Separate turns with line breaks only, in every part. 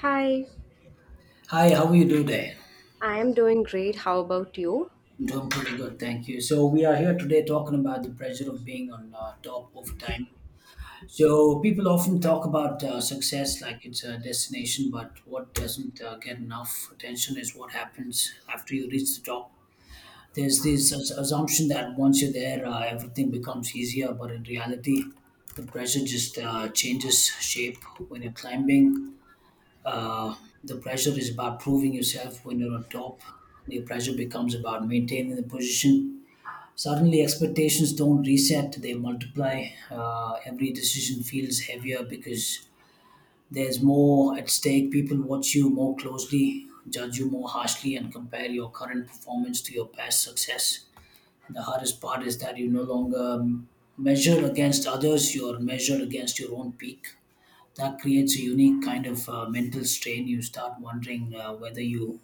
Hi,
Hi, how are you doing today?
I am doing great. How about you?
I'm doing pretty good, thank you. So we are here today talking about the pressure of being on top over time. So people often talk about success like it's a destination, but what doesn't get enough attention is what happens after you reach the top. There's this assumption that once you're there, everything becomes easier, but in reality, the pressure just changes shape when you're climbing. Uh, the pressure is about proving yourself when you're on top. The pressure becomes about maintaining the position. Suddenly, expectations don't reset, they multiply. Every decision feels heavier because there's more at stake. People watch you more closely, judge you more harshly, and compare your current performance to your past success. The hardest part is that you no longer measure against others, you're measured against your own peak. That creates a unique kind of mental strain. You start wondering whether your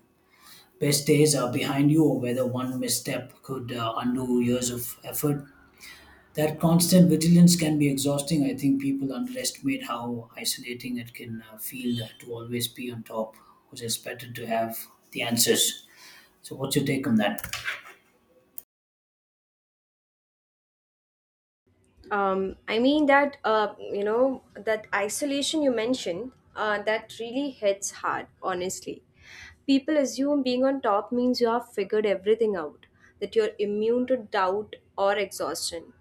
best days are behind you or whether one misstep could undo years of effort. That constant vigilance can be exhausting. I think people underestimate how isolating it can feel to always be on top, because it's better to have the answers. So, what's your take on that?
I mean that that isolation you mentioned, that really hits hard. Honestly, people assume being on top means you have figured everything out, that you're immune to doubt or exhaustion.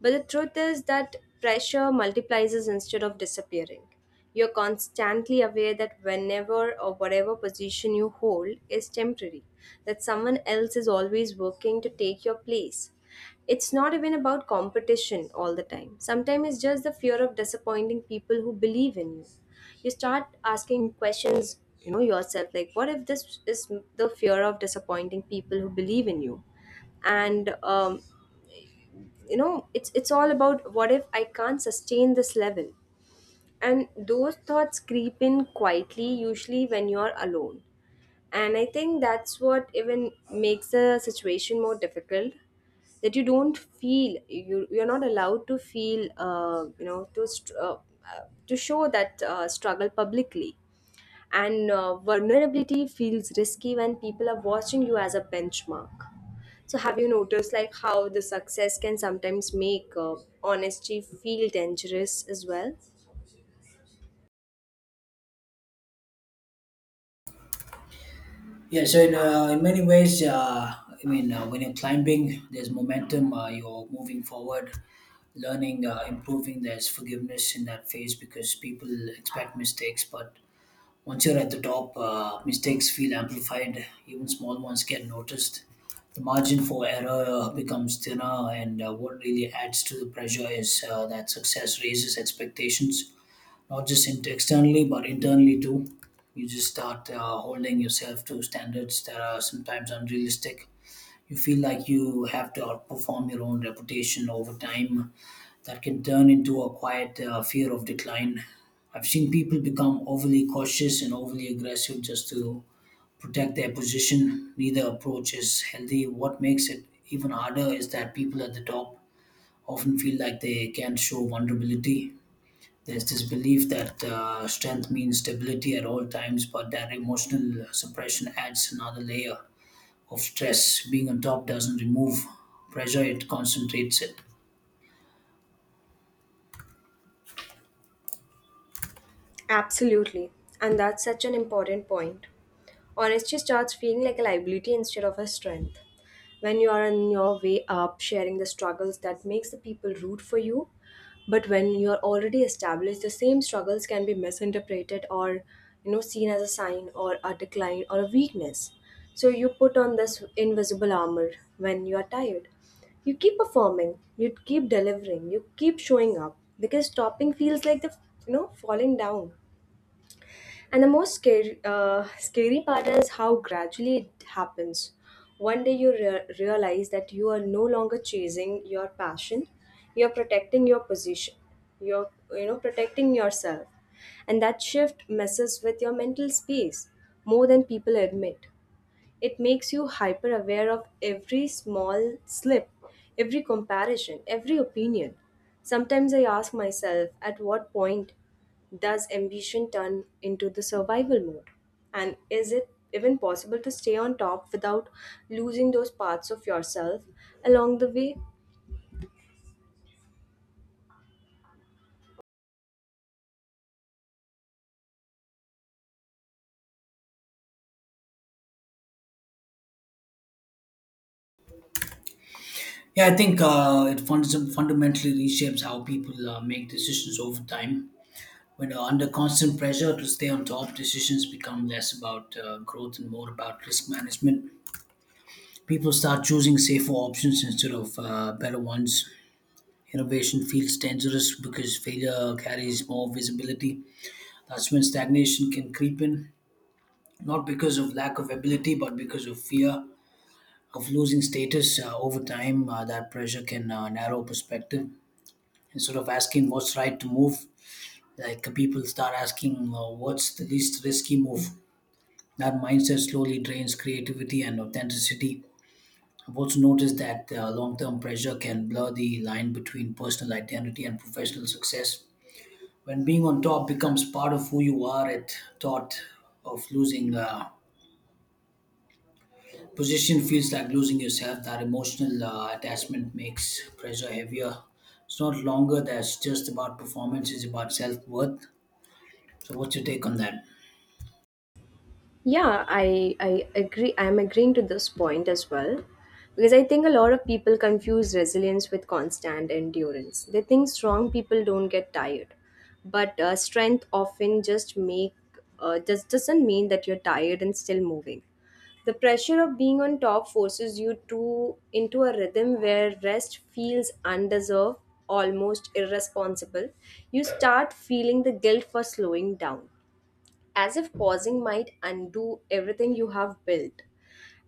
But the truth is that pressure multiplies instead of disappearing. You're constantly aware that whenever or whatever position you hold is temporary, that someone else is always working to take your place. It's not even about competition all the time. Sometimes it's just the fear of disappointing people who believe in you. You start asking questions, yourself like, what if this is the fear of disappointing people who believe in you? And it's all about what if I can't sustain this level, and those thoughts creep in quietly, usually when you're alone. And I think that's what even makes the situation more difficult, that you don't feel, you're not allowed to feel, uh, to show that struggle publicly. And vulnerability feels risky when people are watching you as a benchmark. So have you noticed, like, how the success can sometimes make honesty feel dangerous as well?
Yeah, so in many ways, I mean, when you're climbing, there's momentum, you're moving forward, learning, improving, there's forgiveness in that phase because people expect mistakes. But once you're at the top, mistakes feel amplified, even small ones get noticed. The margin for error becomes thinner, and what really adds to the pressure is that success raises expectations not just externally, but internally too. You just start holding yourself to standards that are sometimes unrealistic. You feel like you have to outperform your own reputation over time. That can turn into a quiet fear of decline. I've seen people become overly cautious and overly aggressive just to protect their position. Neither approach is healthy. What makes it even harder is that people at the top often feel like they can't show vulnerability. There's this belief that strength means stability at all times, but that emotional suppression adds another layer of stress. Being on top doesn't remove pressure, it concentrates it.
Absolutely. And that's such an important point. Honesty starts feeling like a liability instead of a strength. When you are on your way up, sharing the struggles, that makes the people root for you. But when you are already established, the same struggles can be misinterpreted, or, seen as a sign or a decline or a weakness. So you put on this invisible armor when you are tired. You keep performing, you keep delivering, you keep showing up because stopping feels like the you know falling down. And the most scary part is how gradually it happens. One day you realize that you are no longer chasing your passion, you're protecting your position, you're protecting yourself, and that shift messes with your mental space more than people admit. It makes you hyper aware of every small slip, every comparison, every opinion. Sometimes I ask myself, at what point does ambition turn into the survival mode? And is it even possible to stay on top without losing those parts of yourself along the way?
Yeah, I think it fundamentally reshapes how people make decisions over time. When under constant pressure to stay on top, decisions become less about growth and more about risk management. People start choosing safer options instead of better ones. Innovation feels dangerous because failure carries more visibility. That's when stagnation can creep in, not because of lack of ability, but because of fear of losing status over time. That pressure can narrow perspective. Instead of asking what's right to move, people start asking what's the least risky move. That mindset slowly drains creativity and authenticity. I've also noticed that long term pressure can blur the line between personal identity and professional success. When being on top becomes part of who you are, it thought of losing position feels like losing yourself. That emotional attachment makes pressure heavier. It's not longer that's just about performance, it's about self worth. So, what's your take on that?
Yeah, I agree. I'm agreeing to this point as well, because I think a lot of people confuse resilience with constant endurance. They think strong people don't get tired, but strength often just doesn't mean that you're tired and still moving. The pressure of being on top forces you to into a rhythm where rest feels undeserved, almost irresponsible. You start feeling the guilt for slowing down, as if pausing might undo everything you have built.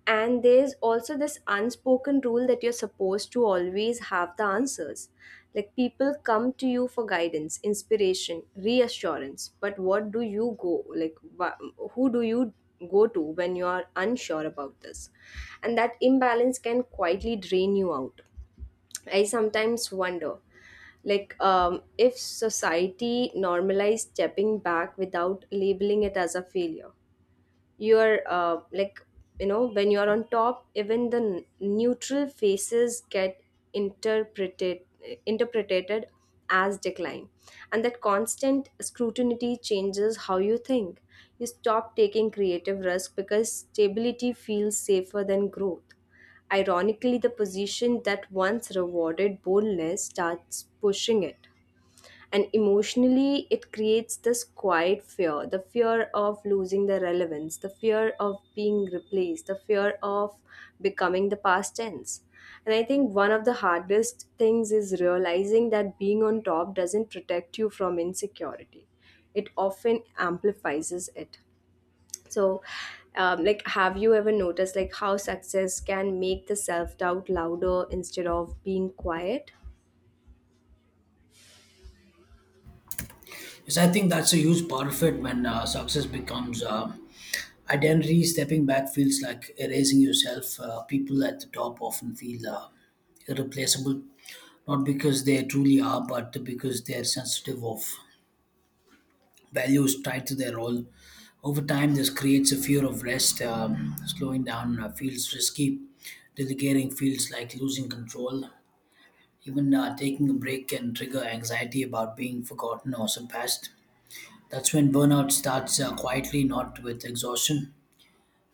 And there's also this unspoken rule that you're supposed to always have the answers. Like, people come to you for guidance, inspiration, reassurance, but what do you go like wha- who do you go to when you are unsure about this? And that imbalance can quietly drain you out. I sometimes wonder, like, if society normalized stepping back without labeling it as a failure. You're like, when you're on top, even the neutral faces get interpreted interpreted as decline. And that constant scrutiny changes how you think. You stop taking creative risk because stability feels safer than growth. Ironically, the position that once rewarded boldness starts pushing it. And emotionally, it creates this quiet fear: the fear of losing the relevance, the fear of being replaced, the fear of becoming the past tense. And I think one of the hardest things is realizing that being on top doesn't protect you from insecurity, it often amplifies it. So, like, have you ever noticed, like, how success can make the self-doubt louder instead of being quiet?
Yes, I think that's a huge part of it when success becomes identity. Stepping back feels like erasing yourself. People at the top often feel irreplaceable, not because they truly are, but because they're sensitive of values tied to their role. Over time, this creates a fear of rest. Slowing down feels risky. Delegating feels like losing control. Even taking a break can trigger anxiety about being forgotten or surpassed. That's when burnout starts quietly, not with exhaustion,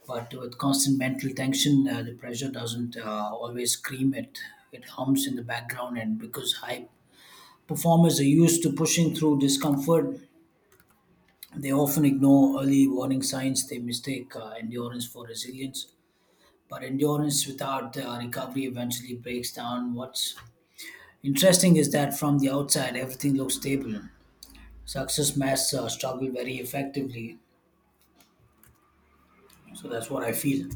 but with constant mental tension. The pressure doesn't always scream, it hums in the background. And because high performers are used to pushing through discomfort, they often ignore early warning signs. They mistake endurance for resilience, but endurance without recovery eventually breaks down. What's interesting is that from the outside, everything looks stable. Success masks struggle very effectively. So that's what I feel.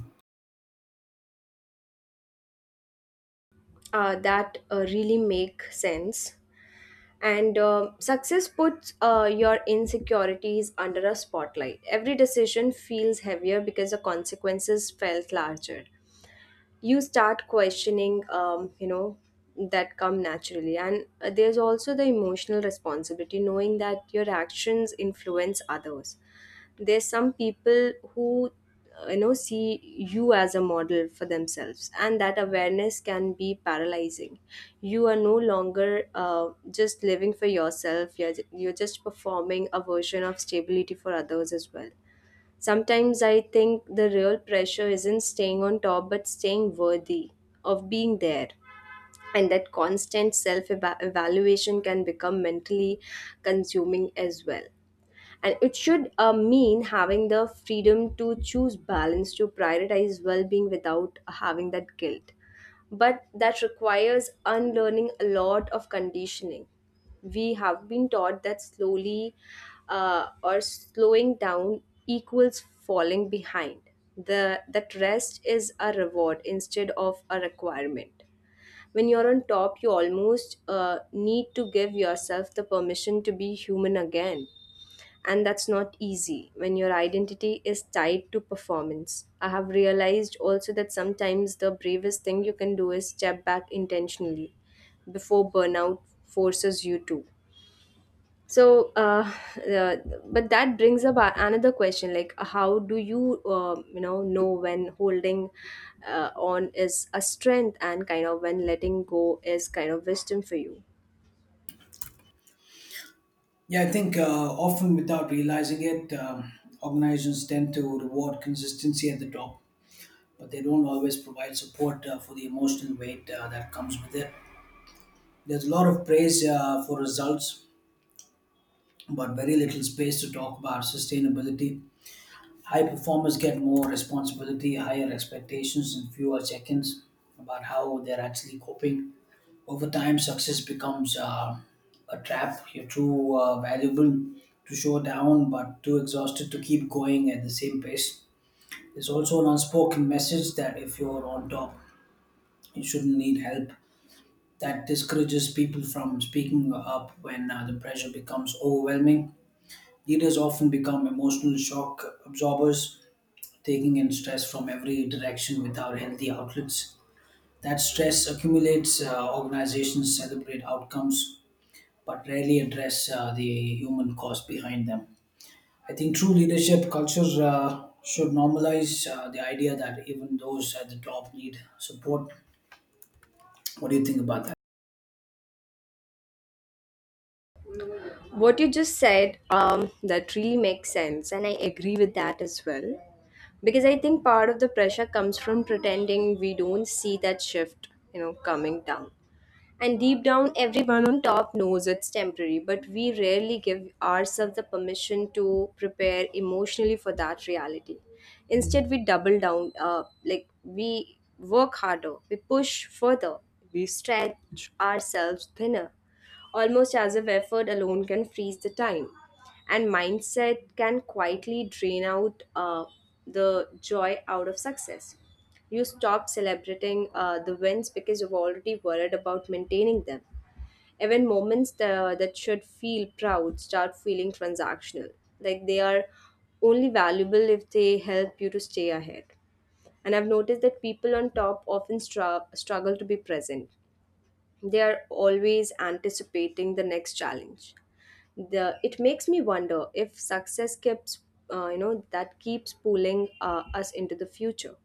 That really make sense. And success puts your insecurities under a spotlight. Every decision feels heavier because the consequences felt larger. You start questioning, that come naturally. And there's also the emotional responsibility, knowing that your actions influence others. There's some people who see you as a model for themselves, and that awareness can be paralyzing. You are no longer just living for yourself, you're just performing a version of stability for others as well. Sometimes I think the real pressure isn't staying on top, but staying worthy of being there. And that constant self evaluation can become mentally consuming as well. And it should mean having the freedom to choose balance, to prioritize well-being without having that guilt. But that requires unlearning a lot of conditioning. We have been taught that slowly or slowing down equals falling behind, the that rest is a reward instead of a requirement. When you're on top, you almost need to give yourself the permission to be human again, and that's not easy when your identity is tied to performance. I have realized also that sometimes the bravest thing you can do is step back intentionally before burnout forces you to. So, uh, but that brings up another question, like, how do you, know when holding on is a strength, and kind of when letting go is kind of wisdom for you?
Yeah, I think often without realizing it, organizations tend to reward consistency at the top, but they don't always provide support for the emotional weight that comes with it. There's a lot of praise for results, but very little space to talk about sustainability. High performers get more responsibility, higher expectations, and fewer check ins about how they're actually coping. Over time, success becomes a trap. You're too valuable to show down, but too exhausted to keep going at the same pace. There's also an unspoken message that if you're on top, you shouldn't need help. That discourages people from speaking up when the pressure becomes overwhelming. Leaders often become emotional shock absorbers, taking in stress from every direction without healthy outlets. That stress accumulates. Organizations celebrate outcomes but rarely address the human cause behind them. I think true leadership culture should normalize the idea that even those at the top need support. What do you think about that?
What you just said, that really makes sense, and I agree with that as well, because I think part of the pressure comes from pretending we don't see that shift coming down. And deep down, everyone on top knows it's temporary, but we rarely give ourselves the permission to prepare emotionally for that reality. Instead, we double down. Like, we work harder, we push further, we stretch ourselves thinner, almost as if effort alone can freeze the time. And mindset can quietly drain out the joy out of success. You stop celebrating the wins because you're already worried about maintaining them. Even moments that should feel proud start feeling transactional, like they are only valuable if they help you to stay ahead. And I've noticed that people on top often struggle to be present. They are always anticipating the next challenge. The It makes me wonder if success keeps, that keeps pulling us into the future.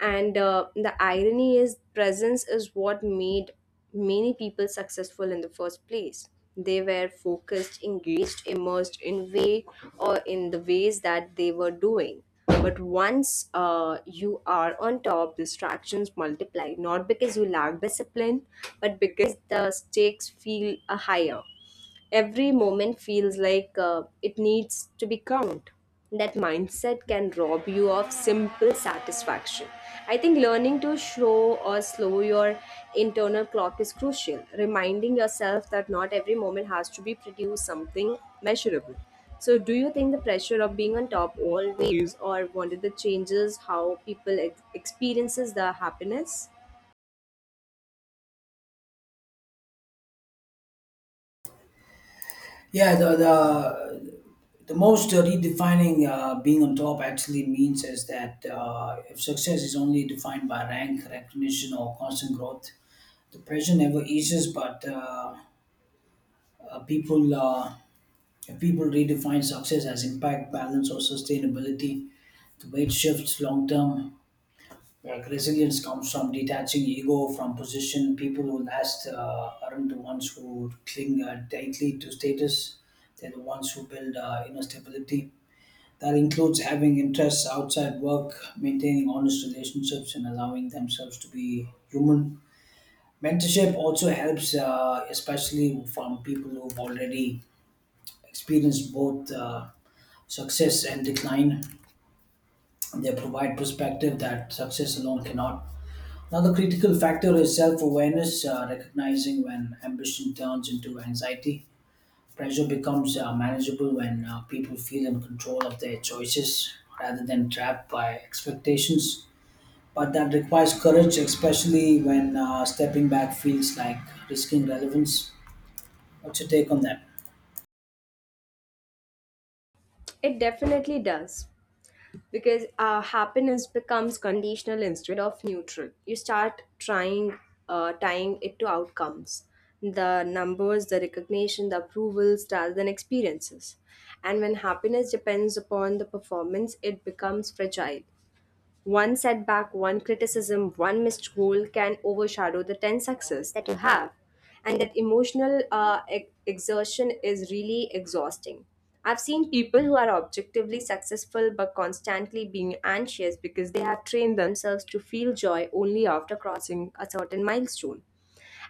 And the irony is, presence is what made many people successful in the first place. They were focused, engaged, immersed in way or in the ways that they were doing. But once you are on top, distractions multiply, not because you lack discipline, but because the stakes feel higher. Every moment feels like it needs to be counted. That mindset can rob you of simple satisfaction. I think learning to slow your internal clock is crucial, reminding yourself that not every moment has to be produce something measurable. So, do you think the pressure of being on top always or wanted the changes how people experiences the happiness?
Yeah, the most redefining being on top actually means is that if success is only defined by rank, recognition, or constant growth, the pressure never eases. But uh, uh, people, uh, if people redefine success as impact, balance, or sustainability, the weight shifts long term. Like resilience comes from detaching ego from position. People who last aren't the ones who cling tightly to status; they're the ones who build inner stability. That includes having interests outside work, maintaining honest relationships, and allowing themselves to be human. Mentorship also helps, especially from people who've already experienced both success and decline. They provide perspective that success alone cannot. Another critical factor is self awareness, recognizing when ambition turns into anxiety. Pressure becomes manageable when people feel in control of their choices rather than trapped by expectations, but that requires courage, especially when stepping back feels like risking relevance. What's your take on that?
It definitely does, because happiness becomes conditional instead of neutral. You start tying it to outcomes, the numbers, the recognition, the approvals, rather than experiences. And when happiness depends upon the performance, it becomes fragile. One setback, one criticism, one missed goal can overshadow the 10 success that you have. And that emotional exertion is really exhausting. I've seen people who are objectively successful, but constantly being anxious, because they have trained themselves to feel joy only after crossing a certain milestone.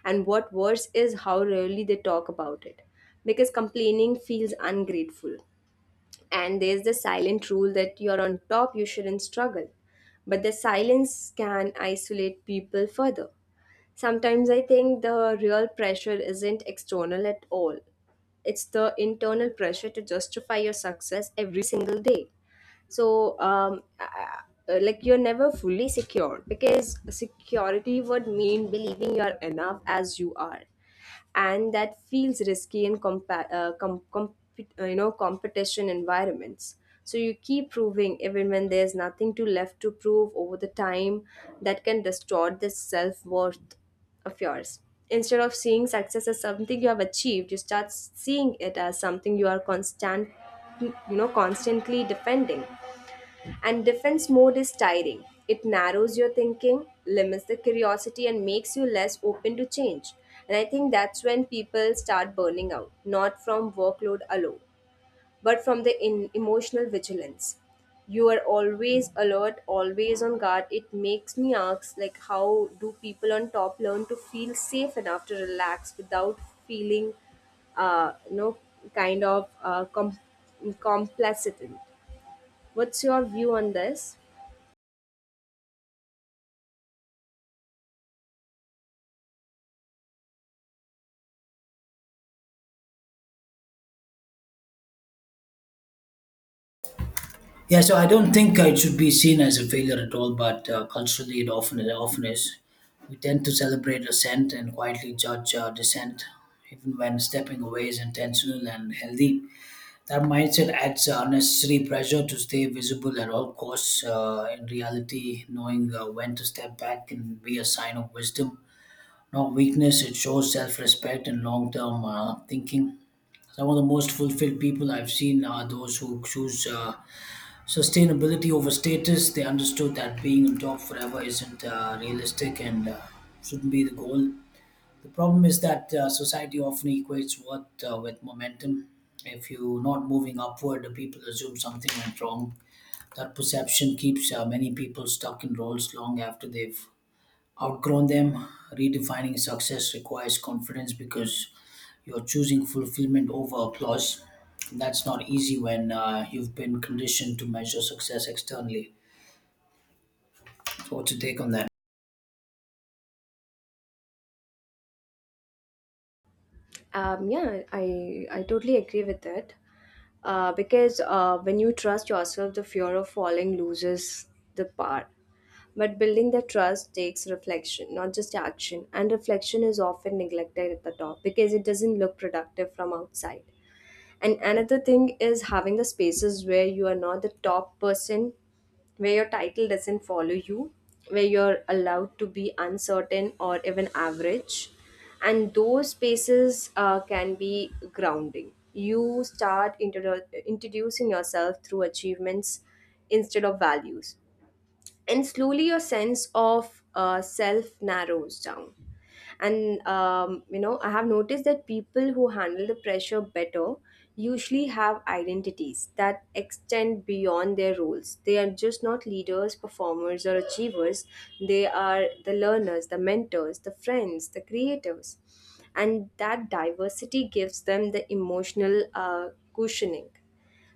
And what worse is how rarely they talk about it, because complaining feels ungrateful. And there's the silent rule that you're on top, you shouldn't struggle. But the silence can isolate people further. Sometimes I think the real pressure isn't external at all, it's the internal pressure to justify your success every single day. So, like, you're never fully secure, because security would mean believing you're enough as you are, and that feels risky in competition environments. So you keep proving even when there's nothing to left to prove over the time. That can distort the self-worth of yours. Instead of seeing success as something you have achieved, you start seeing it as something you are constantly defending. And defense mode is tiring. It narrows your thinking, limits the curiosity, and makes you less open to change. And I think that's when people start burning out, not from workload alone, but from the emotional vigilance. You are always alert, always on guard. It makes me ask, like, how do people on top learn to feel safe enough to relax without feeling, uh, you know, kind of complacent? What's your view on this?
Yeah, so I don't think it should be seen as a failure at all, but culturally it often is. We tend to celebrate assent and quietly judge dissent, even when stepping away is intentional and healthy. That mindset adds unnecessary pressure to stay visible at all costs. In reality, knowing when to step back can be a sign of wisdom, not weakness. It shows self respect and long term thinking. Some of the most fulfilled people I've seen are those who choose sustainability over status. They understood that being on top forever isn't realistic and shouldn't be the goal. The problem is that society often equates worth with momentum. If you're not moving upward, the people assume something went wrong. That perception keeps many people stuck in roles long after they've outgrown them. Redefining success requires confidence because you're choosing fulfillment over applause. That's not easy when you've been conditioned to measure success externally. So, what's your take on that?
Yeah, I totally agree with it. Because when you trust yourself, the fear of falling loses the power. But building the trust takes reflection, not just action. And reflection is often neglected at the top because it doesn't look productive from outside. And another thing is having the spaces where you are not the top person, where your title doesn't follow you, where you're allowed to be uncertain or even average. And those spaces can be grounding. You start introducing yourself through achievements instead of values, and slowly your sense of self narrows down. And I have noticed that people who handle the pressure better usually have identities that extend beyond their roles. They are just not leaders, performers, or achievers. They are the learners, the mentors, the friends, the creatives. And that diversity gives them the emotional cushioning.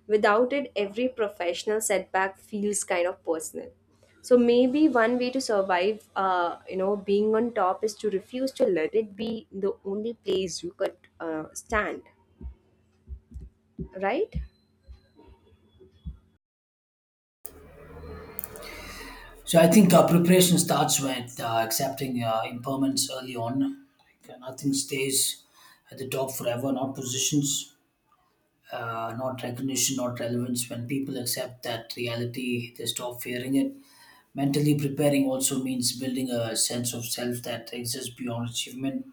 Without it, every professional setback feels kind of personal. So maybe one way to survive, being on top is to refuse to let it be the only place you could stand, right?
So, I think preparation starts with accepting impermanence early on. Like, nothing stays at the top forever, not positions, not recognition, not relevance. When people accept that reality, they stop fearing it. Mentally preparing also means building a sense of self that exists beyond achievement.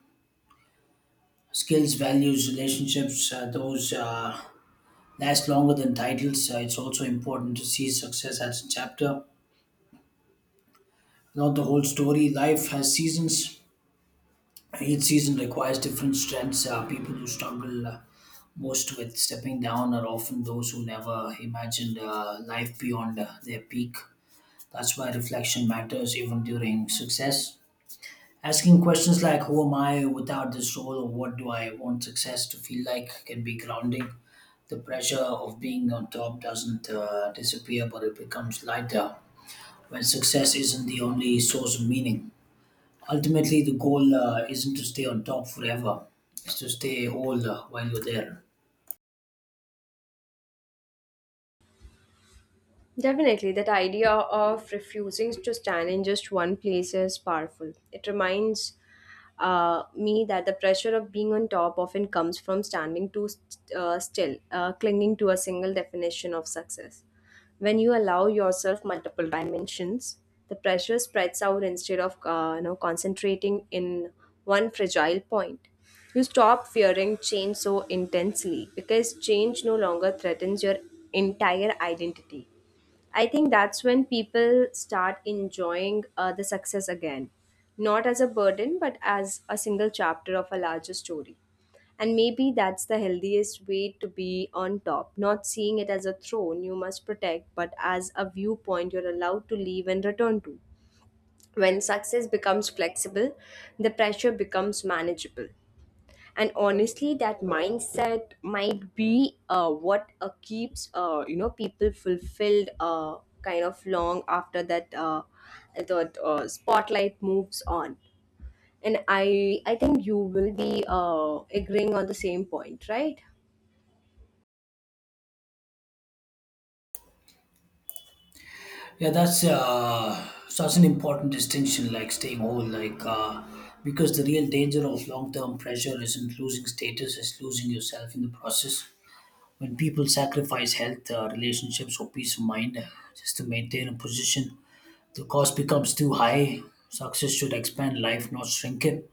Skills, values, relationships, those last longer than titles. It's also important to see success as a chapter, not the whole story. Life has seasons. Each season requires different strengths. People who struggle most with stepping down are often those who never imagined life beyond their peak. That's why reflection matters even during success. Asking questions like who am I without this role or what do I want success to feel like can be grounding. The pressure of being on top doesn't disappear, but it becomes lighter when success isn't the only source of meaning. Ultimately, the goal isn't to stay on top forever, it's to stay whole while you're there.
Definitely, that idea of refusing to stand in just one place is powerful. It reminds me that the pressure of being on top often comes from standing too still, clinging to a single definition of success. When you allow yourself multiple dimensions, the pressure spreads out instead of concentrating in one fragile point. You stop fearing change so intensely because change no longer threatens your entire identity. I think that's when people start enjoying the success again, not as a burden, but as a single chapter of a larger story. And maybe that's the healthiest way to be on top, not seeing it as a throne you must protect, but as a viewpoint you're allowed to leave and return to. When success becomes flexible, the pressure becomes manageable. And honestly, that mindset might be what keeps, people fulfilled, kind of long after that the spotlight moves on. And I think you will be agreeing on the same point, right?
Yeah, that's such an important distinction, like staying whole, because the real danger of long-term pressure isn't losing status, it's losing yourself in the process. When people sacrifice health, relationships, or peace of mind just to maintain a position, the cost becomes too high. Success should expand life, not shrink it.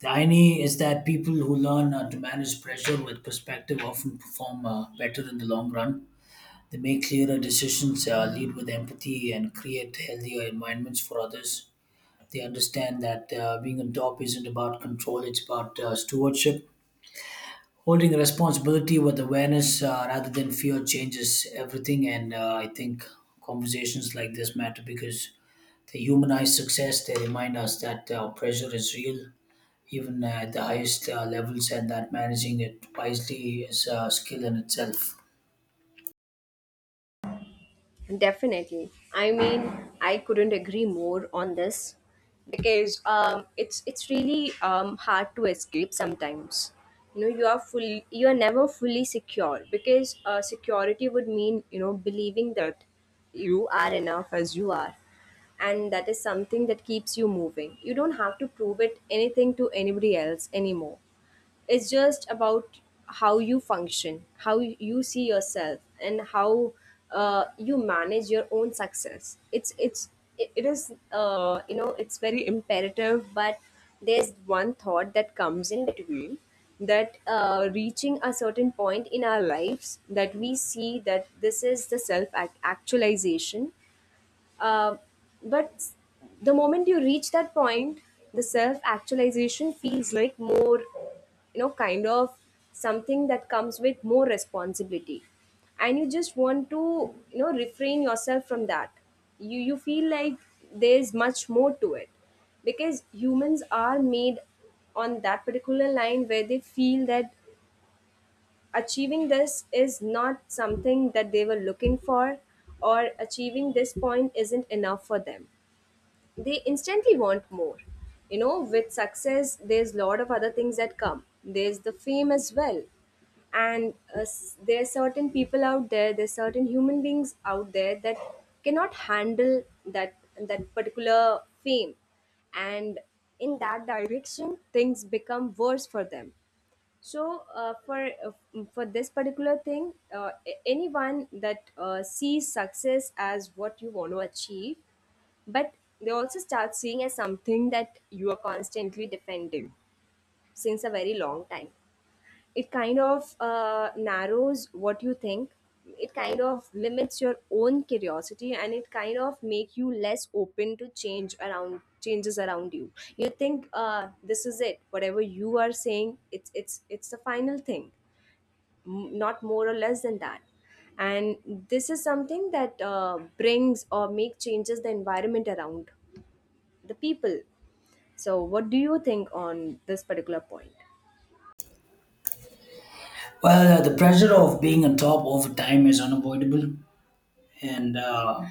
The irony is that people who learn to manage pressure with perspective often perform better in the long run. They make clearer decisions, lead with empathy, and create healthier environments for others. They understand that being on top isn't about control, it's about stewardship, holding responsibility with awareness rather than fear. Changes everything. And I think conversations like this matter because they humanize success. They remind us that pressure is real even at the highest levels, and that managing it wisely is a skill in itself.
Definitely. I mean, I couldn't agree more on this because it's really hard to escape sometimes. You know, you are full, you are never fully secure because security would mean, you know, believing that you are enough as you are, and that is something that keeps you moving. You don't have to prove it anything to anybody else anymore. It's just about how you function, how you see yourself, and how you manage your own success. It is, it's very imperative. But there's one thought that comes in between, that reaching a certain point in our lives, that we see that this is the self actualization. Uh, but the moment you reach that point, the self actualization feels like more, you know, kind of something that comes with more responsibility. And you just want to, you know, refrain yourself from that. You feel like there's much more to it, because humans are made on that particular line where they feel that achieving this is not something that they were looking for, or achieving this point isn't enough for them. They instantly want more. You know, with success, there's a lot of other things that come. There's the fame as well. And there are certain people out there, there's certain human beings out there that cannot handle that particular fame. And in that direction, things become worse for them. So for this particular thing, anyone that sees success as what you want to achieve, but they also start seeing as something that you are constantly defending since a very long time. It kind of narrows what you think. It kind of limits your own curiosity, and it kind of make you less open to changes around you. You think this is it. Whatever you are saying, it's the final thing, not more or less than that. And this is something that brings or make changes the environment around the people. So what do you think on this particular point?
Well, the pressure of being on top over time is unavoidable, and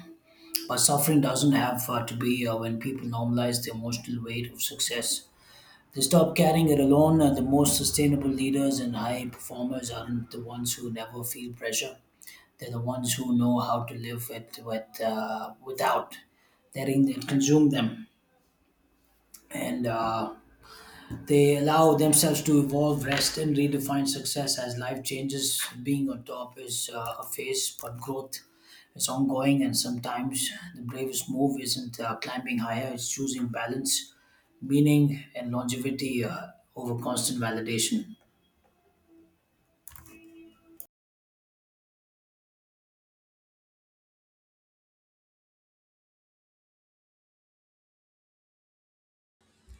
but suffering doesn't have to be. When people normalize the emotional weight of success, they stop carrying it alone. The most sustainable leaders and high performers aren't the ones who never feel pressure. They're the ones who know how to live without letting it consume them. And they allow themselves to evolve, rest, and redefine success as life changes. Being on top is a phase, but growth is ongoing, and sometimes the bravest move isn't climbing higher, it's choosing balance, meaning, and longevity over constant validation.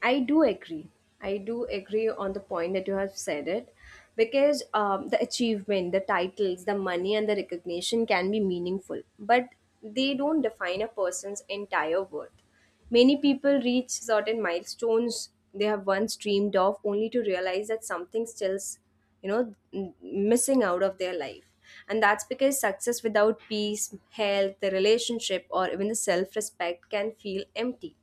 I do agree. I do agree on the point that you have said it, because the achievement, the titles, the money, and the recognition can be meaningful, but they don't define a person's entire worth. Many people reach certain milestones they have once dreamed of only to realize that something still's, you know, missing out of their life. And that's because success without peace, health, the relationship, or even the self respect can feel empty,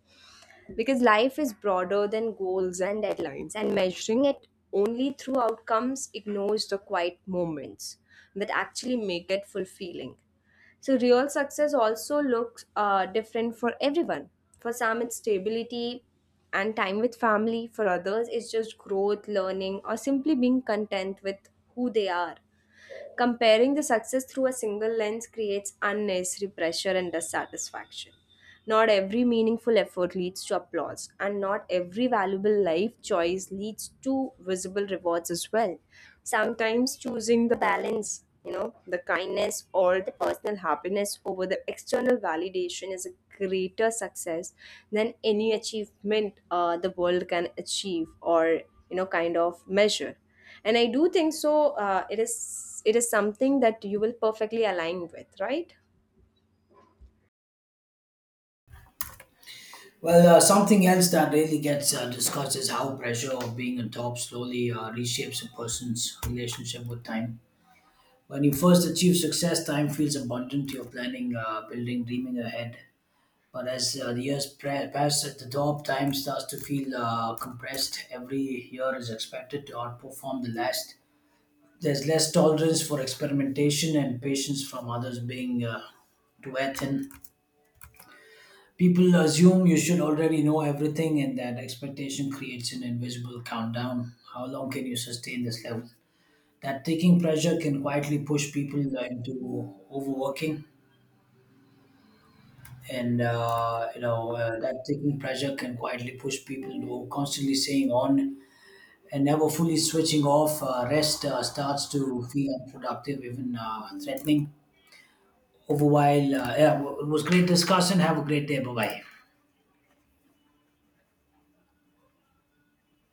because life is broader than goals and deadlines, and measuring it only through outcomes ignores the quiet moments that actually make it fulfilling. So, real success also looks different for everyone. For some, it's stability and time with family. For others, it's just growth, learning, or simply being content with who they are. Comparing the success through a single lens creates unnecessary pressure and dissatisfaction. Not every meaningful effort leads to applause, and not every valuable life choice leads to visible rewards as well. Sometimes choosing the balance, you know, the kindness or the personal happiness over the external validation is a greater success than any achievement the world can achieve or, you know, kind of measure. And I do think so. It is it is something that you will perfectly align with, right?
Well, something else that really gets discussed is how pressure of being on top slowly reshapes a person's relationship with time. When you first achieve success, time feels abundant. You're planning, building, dreaming ahead. But as the years pass, at the top, time starts to feel compressed. Every year is expected to outperform the last. There's less tolerance for experimentation and patience from others being to wear thin. People assume you should already know everything, and that expectation creates an invisible countdown. How long can you sustain this level? That taking pressure can quietly push people into overworking. And you know That taking pressure can quietly push people into constantly staying on and never fully switching off. Rest starts to feel unproductive, even threatening. Over while, yeah, it was great discussing. Have a great day. Bye bye.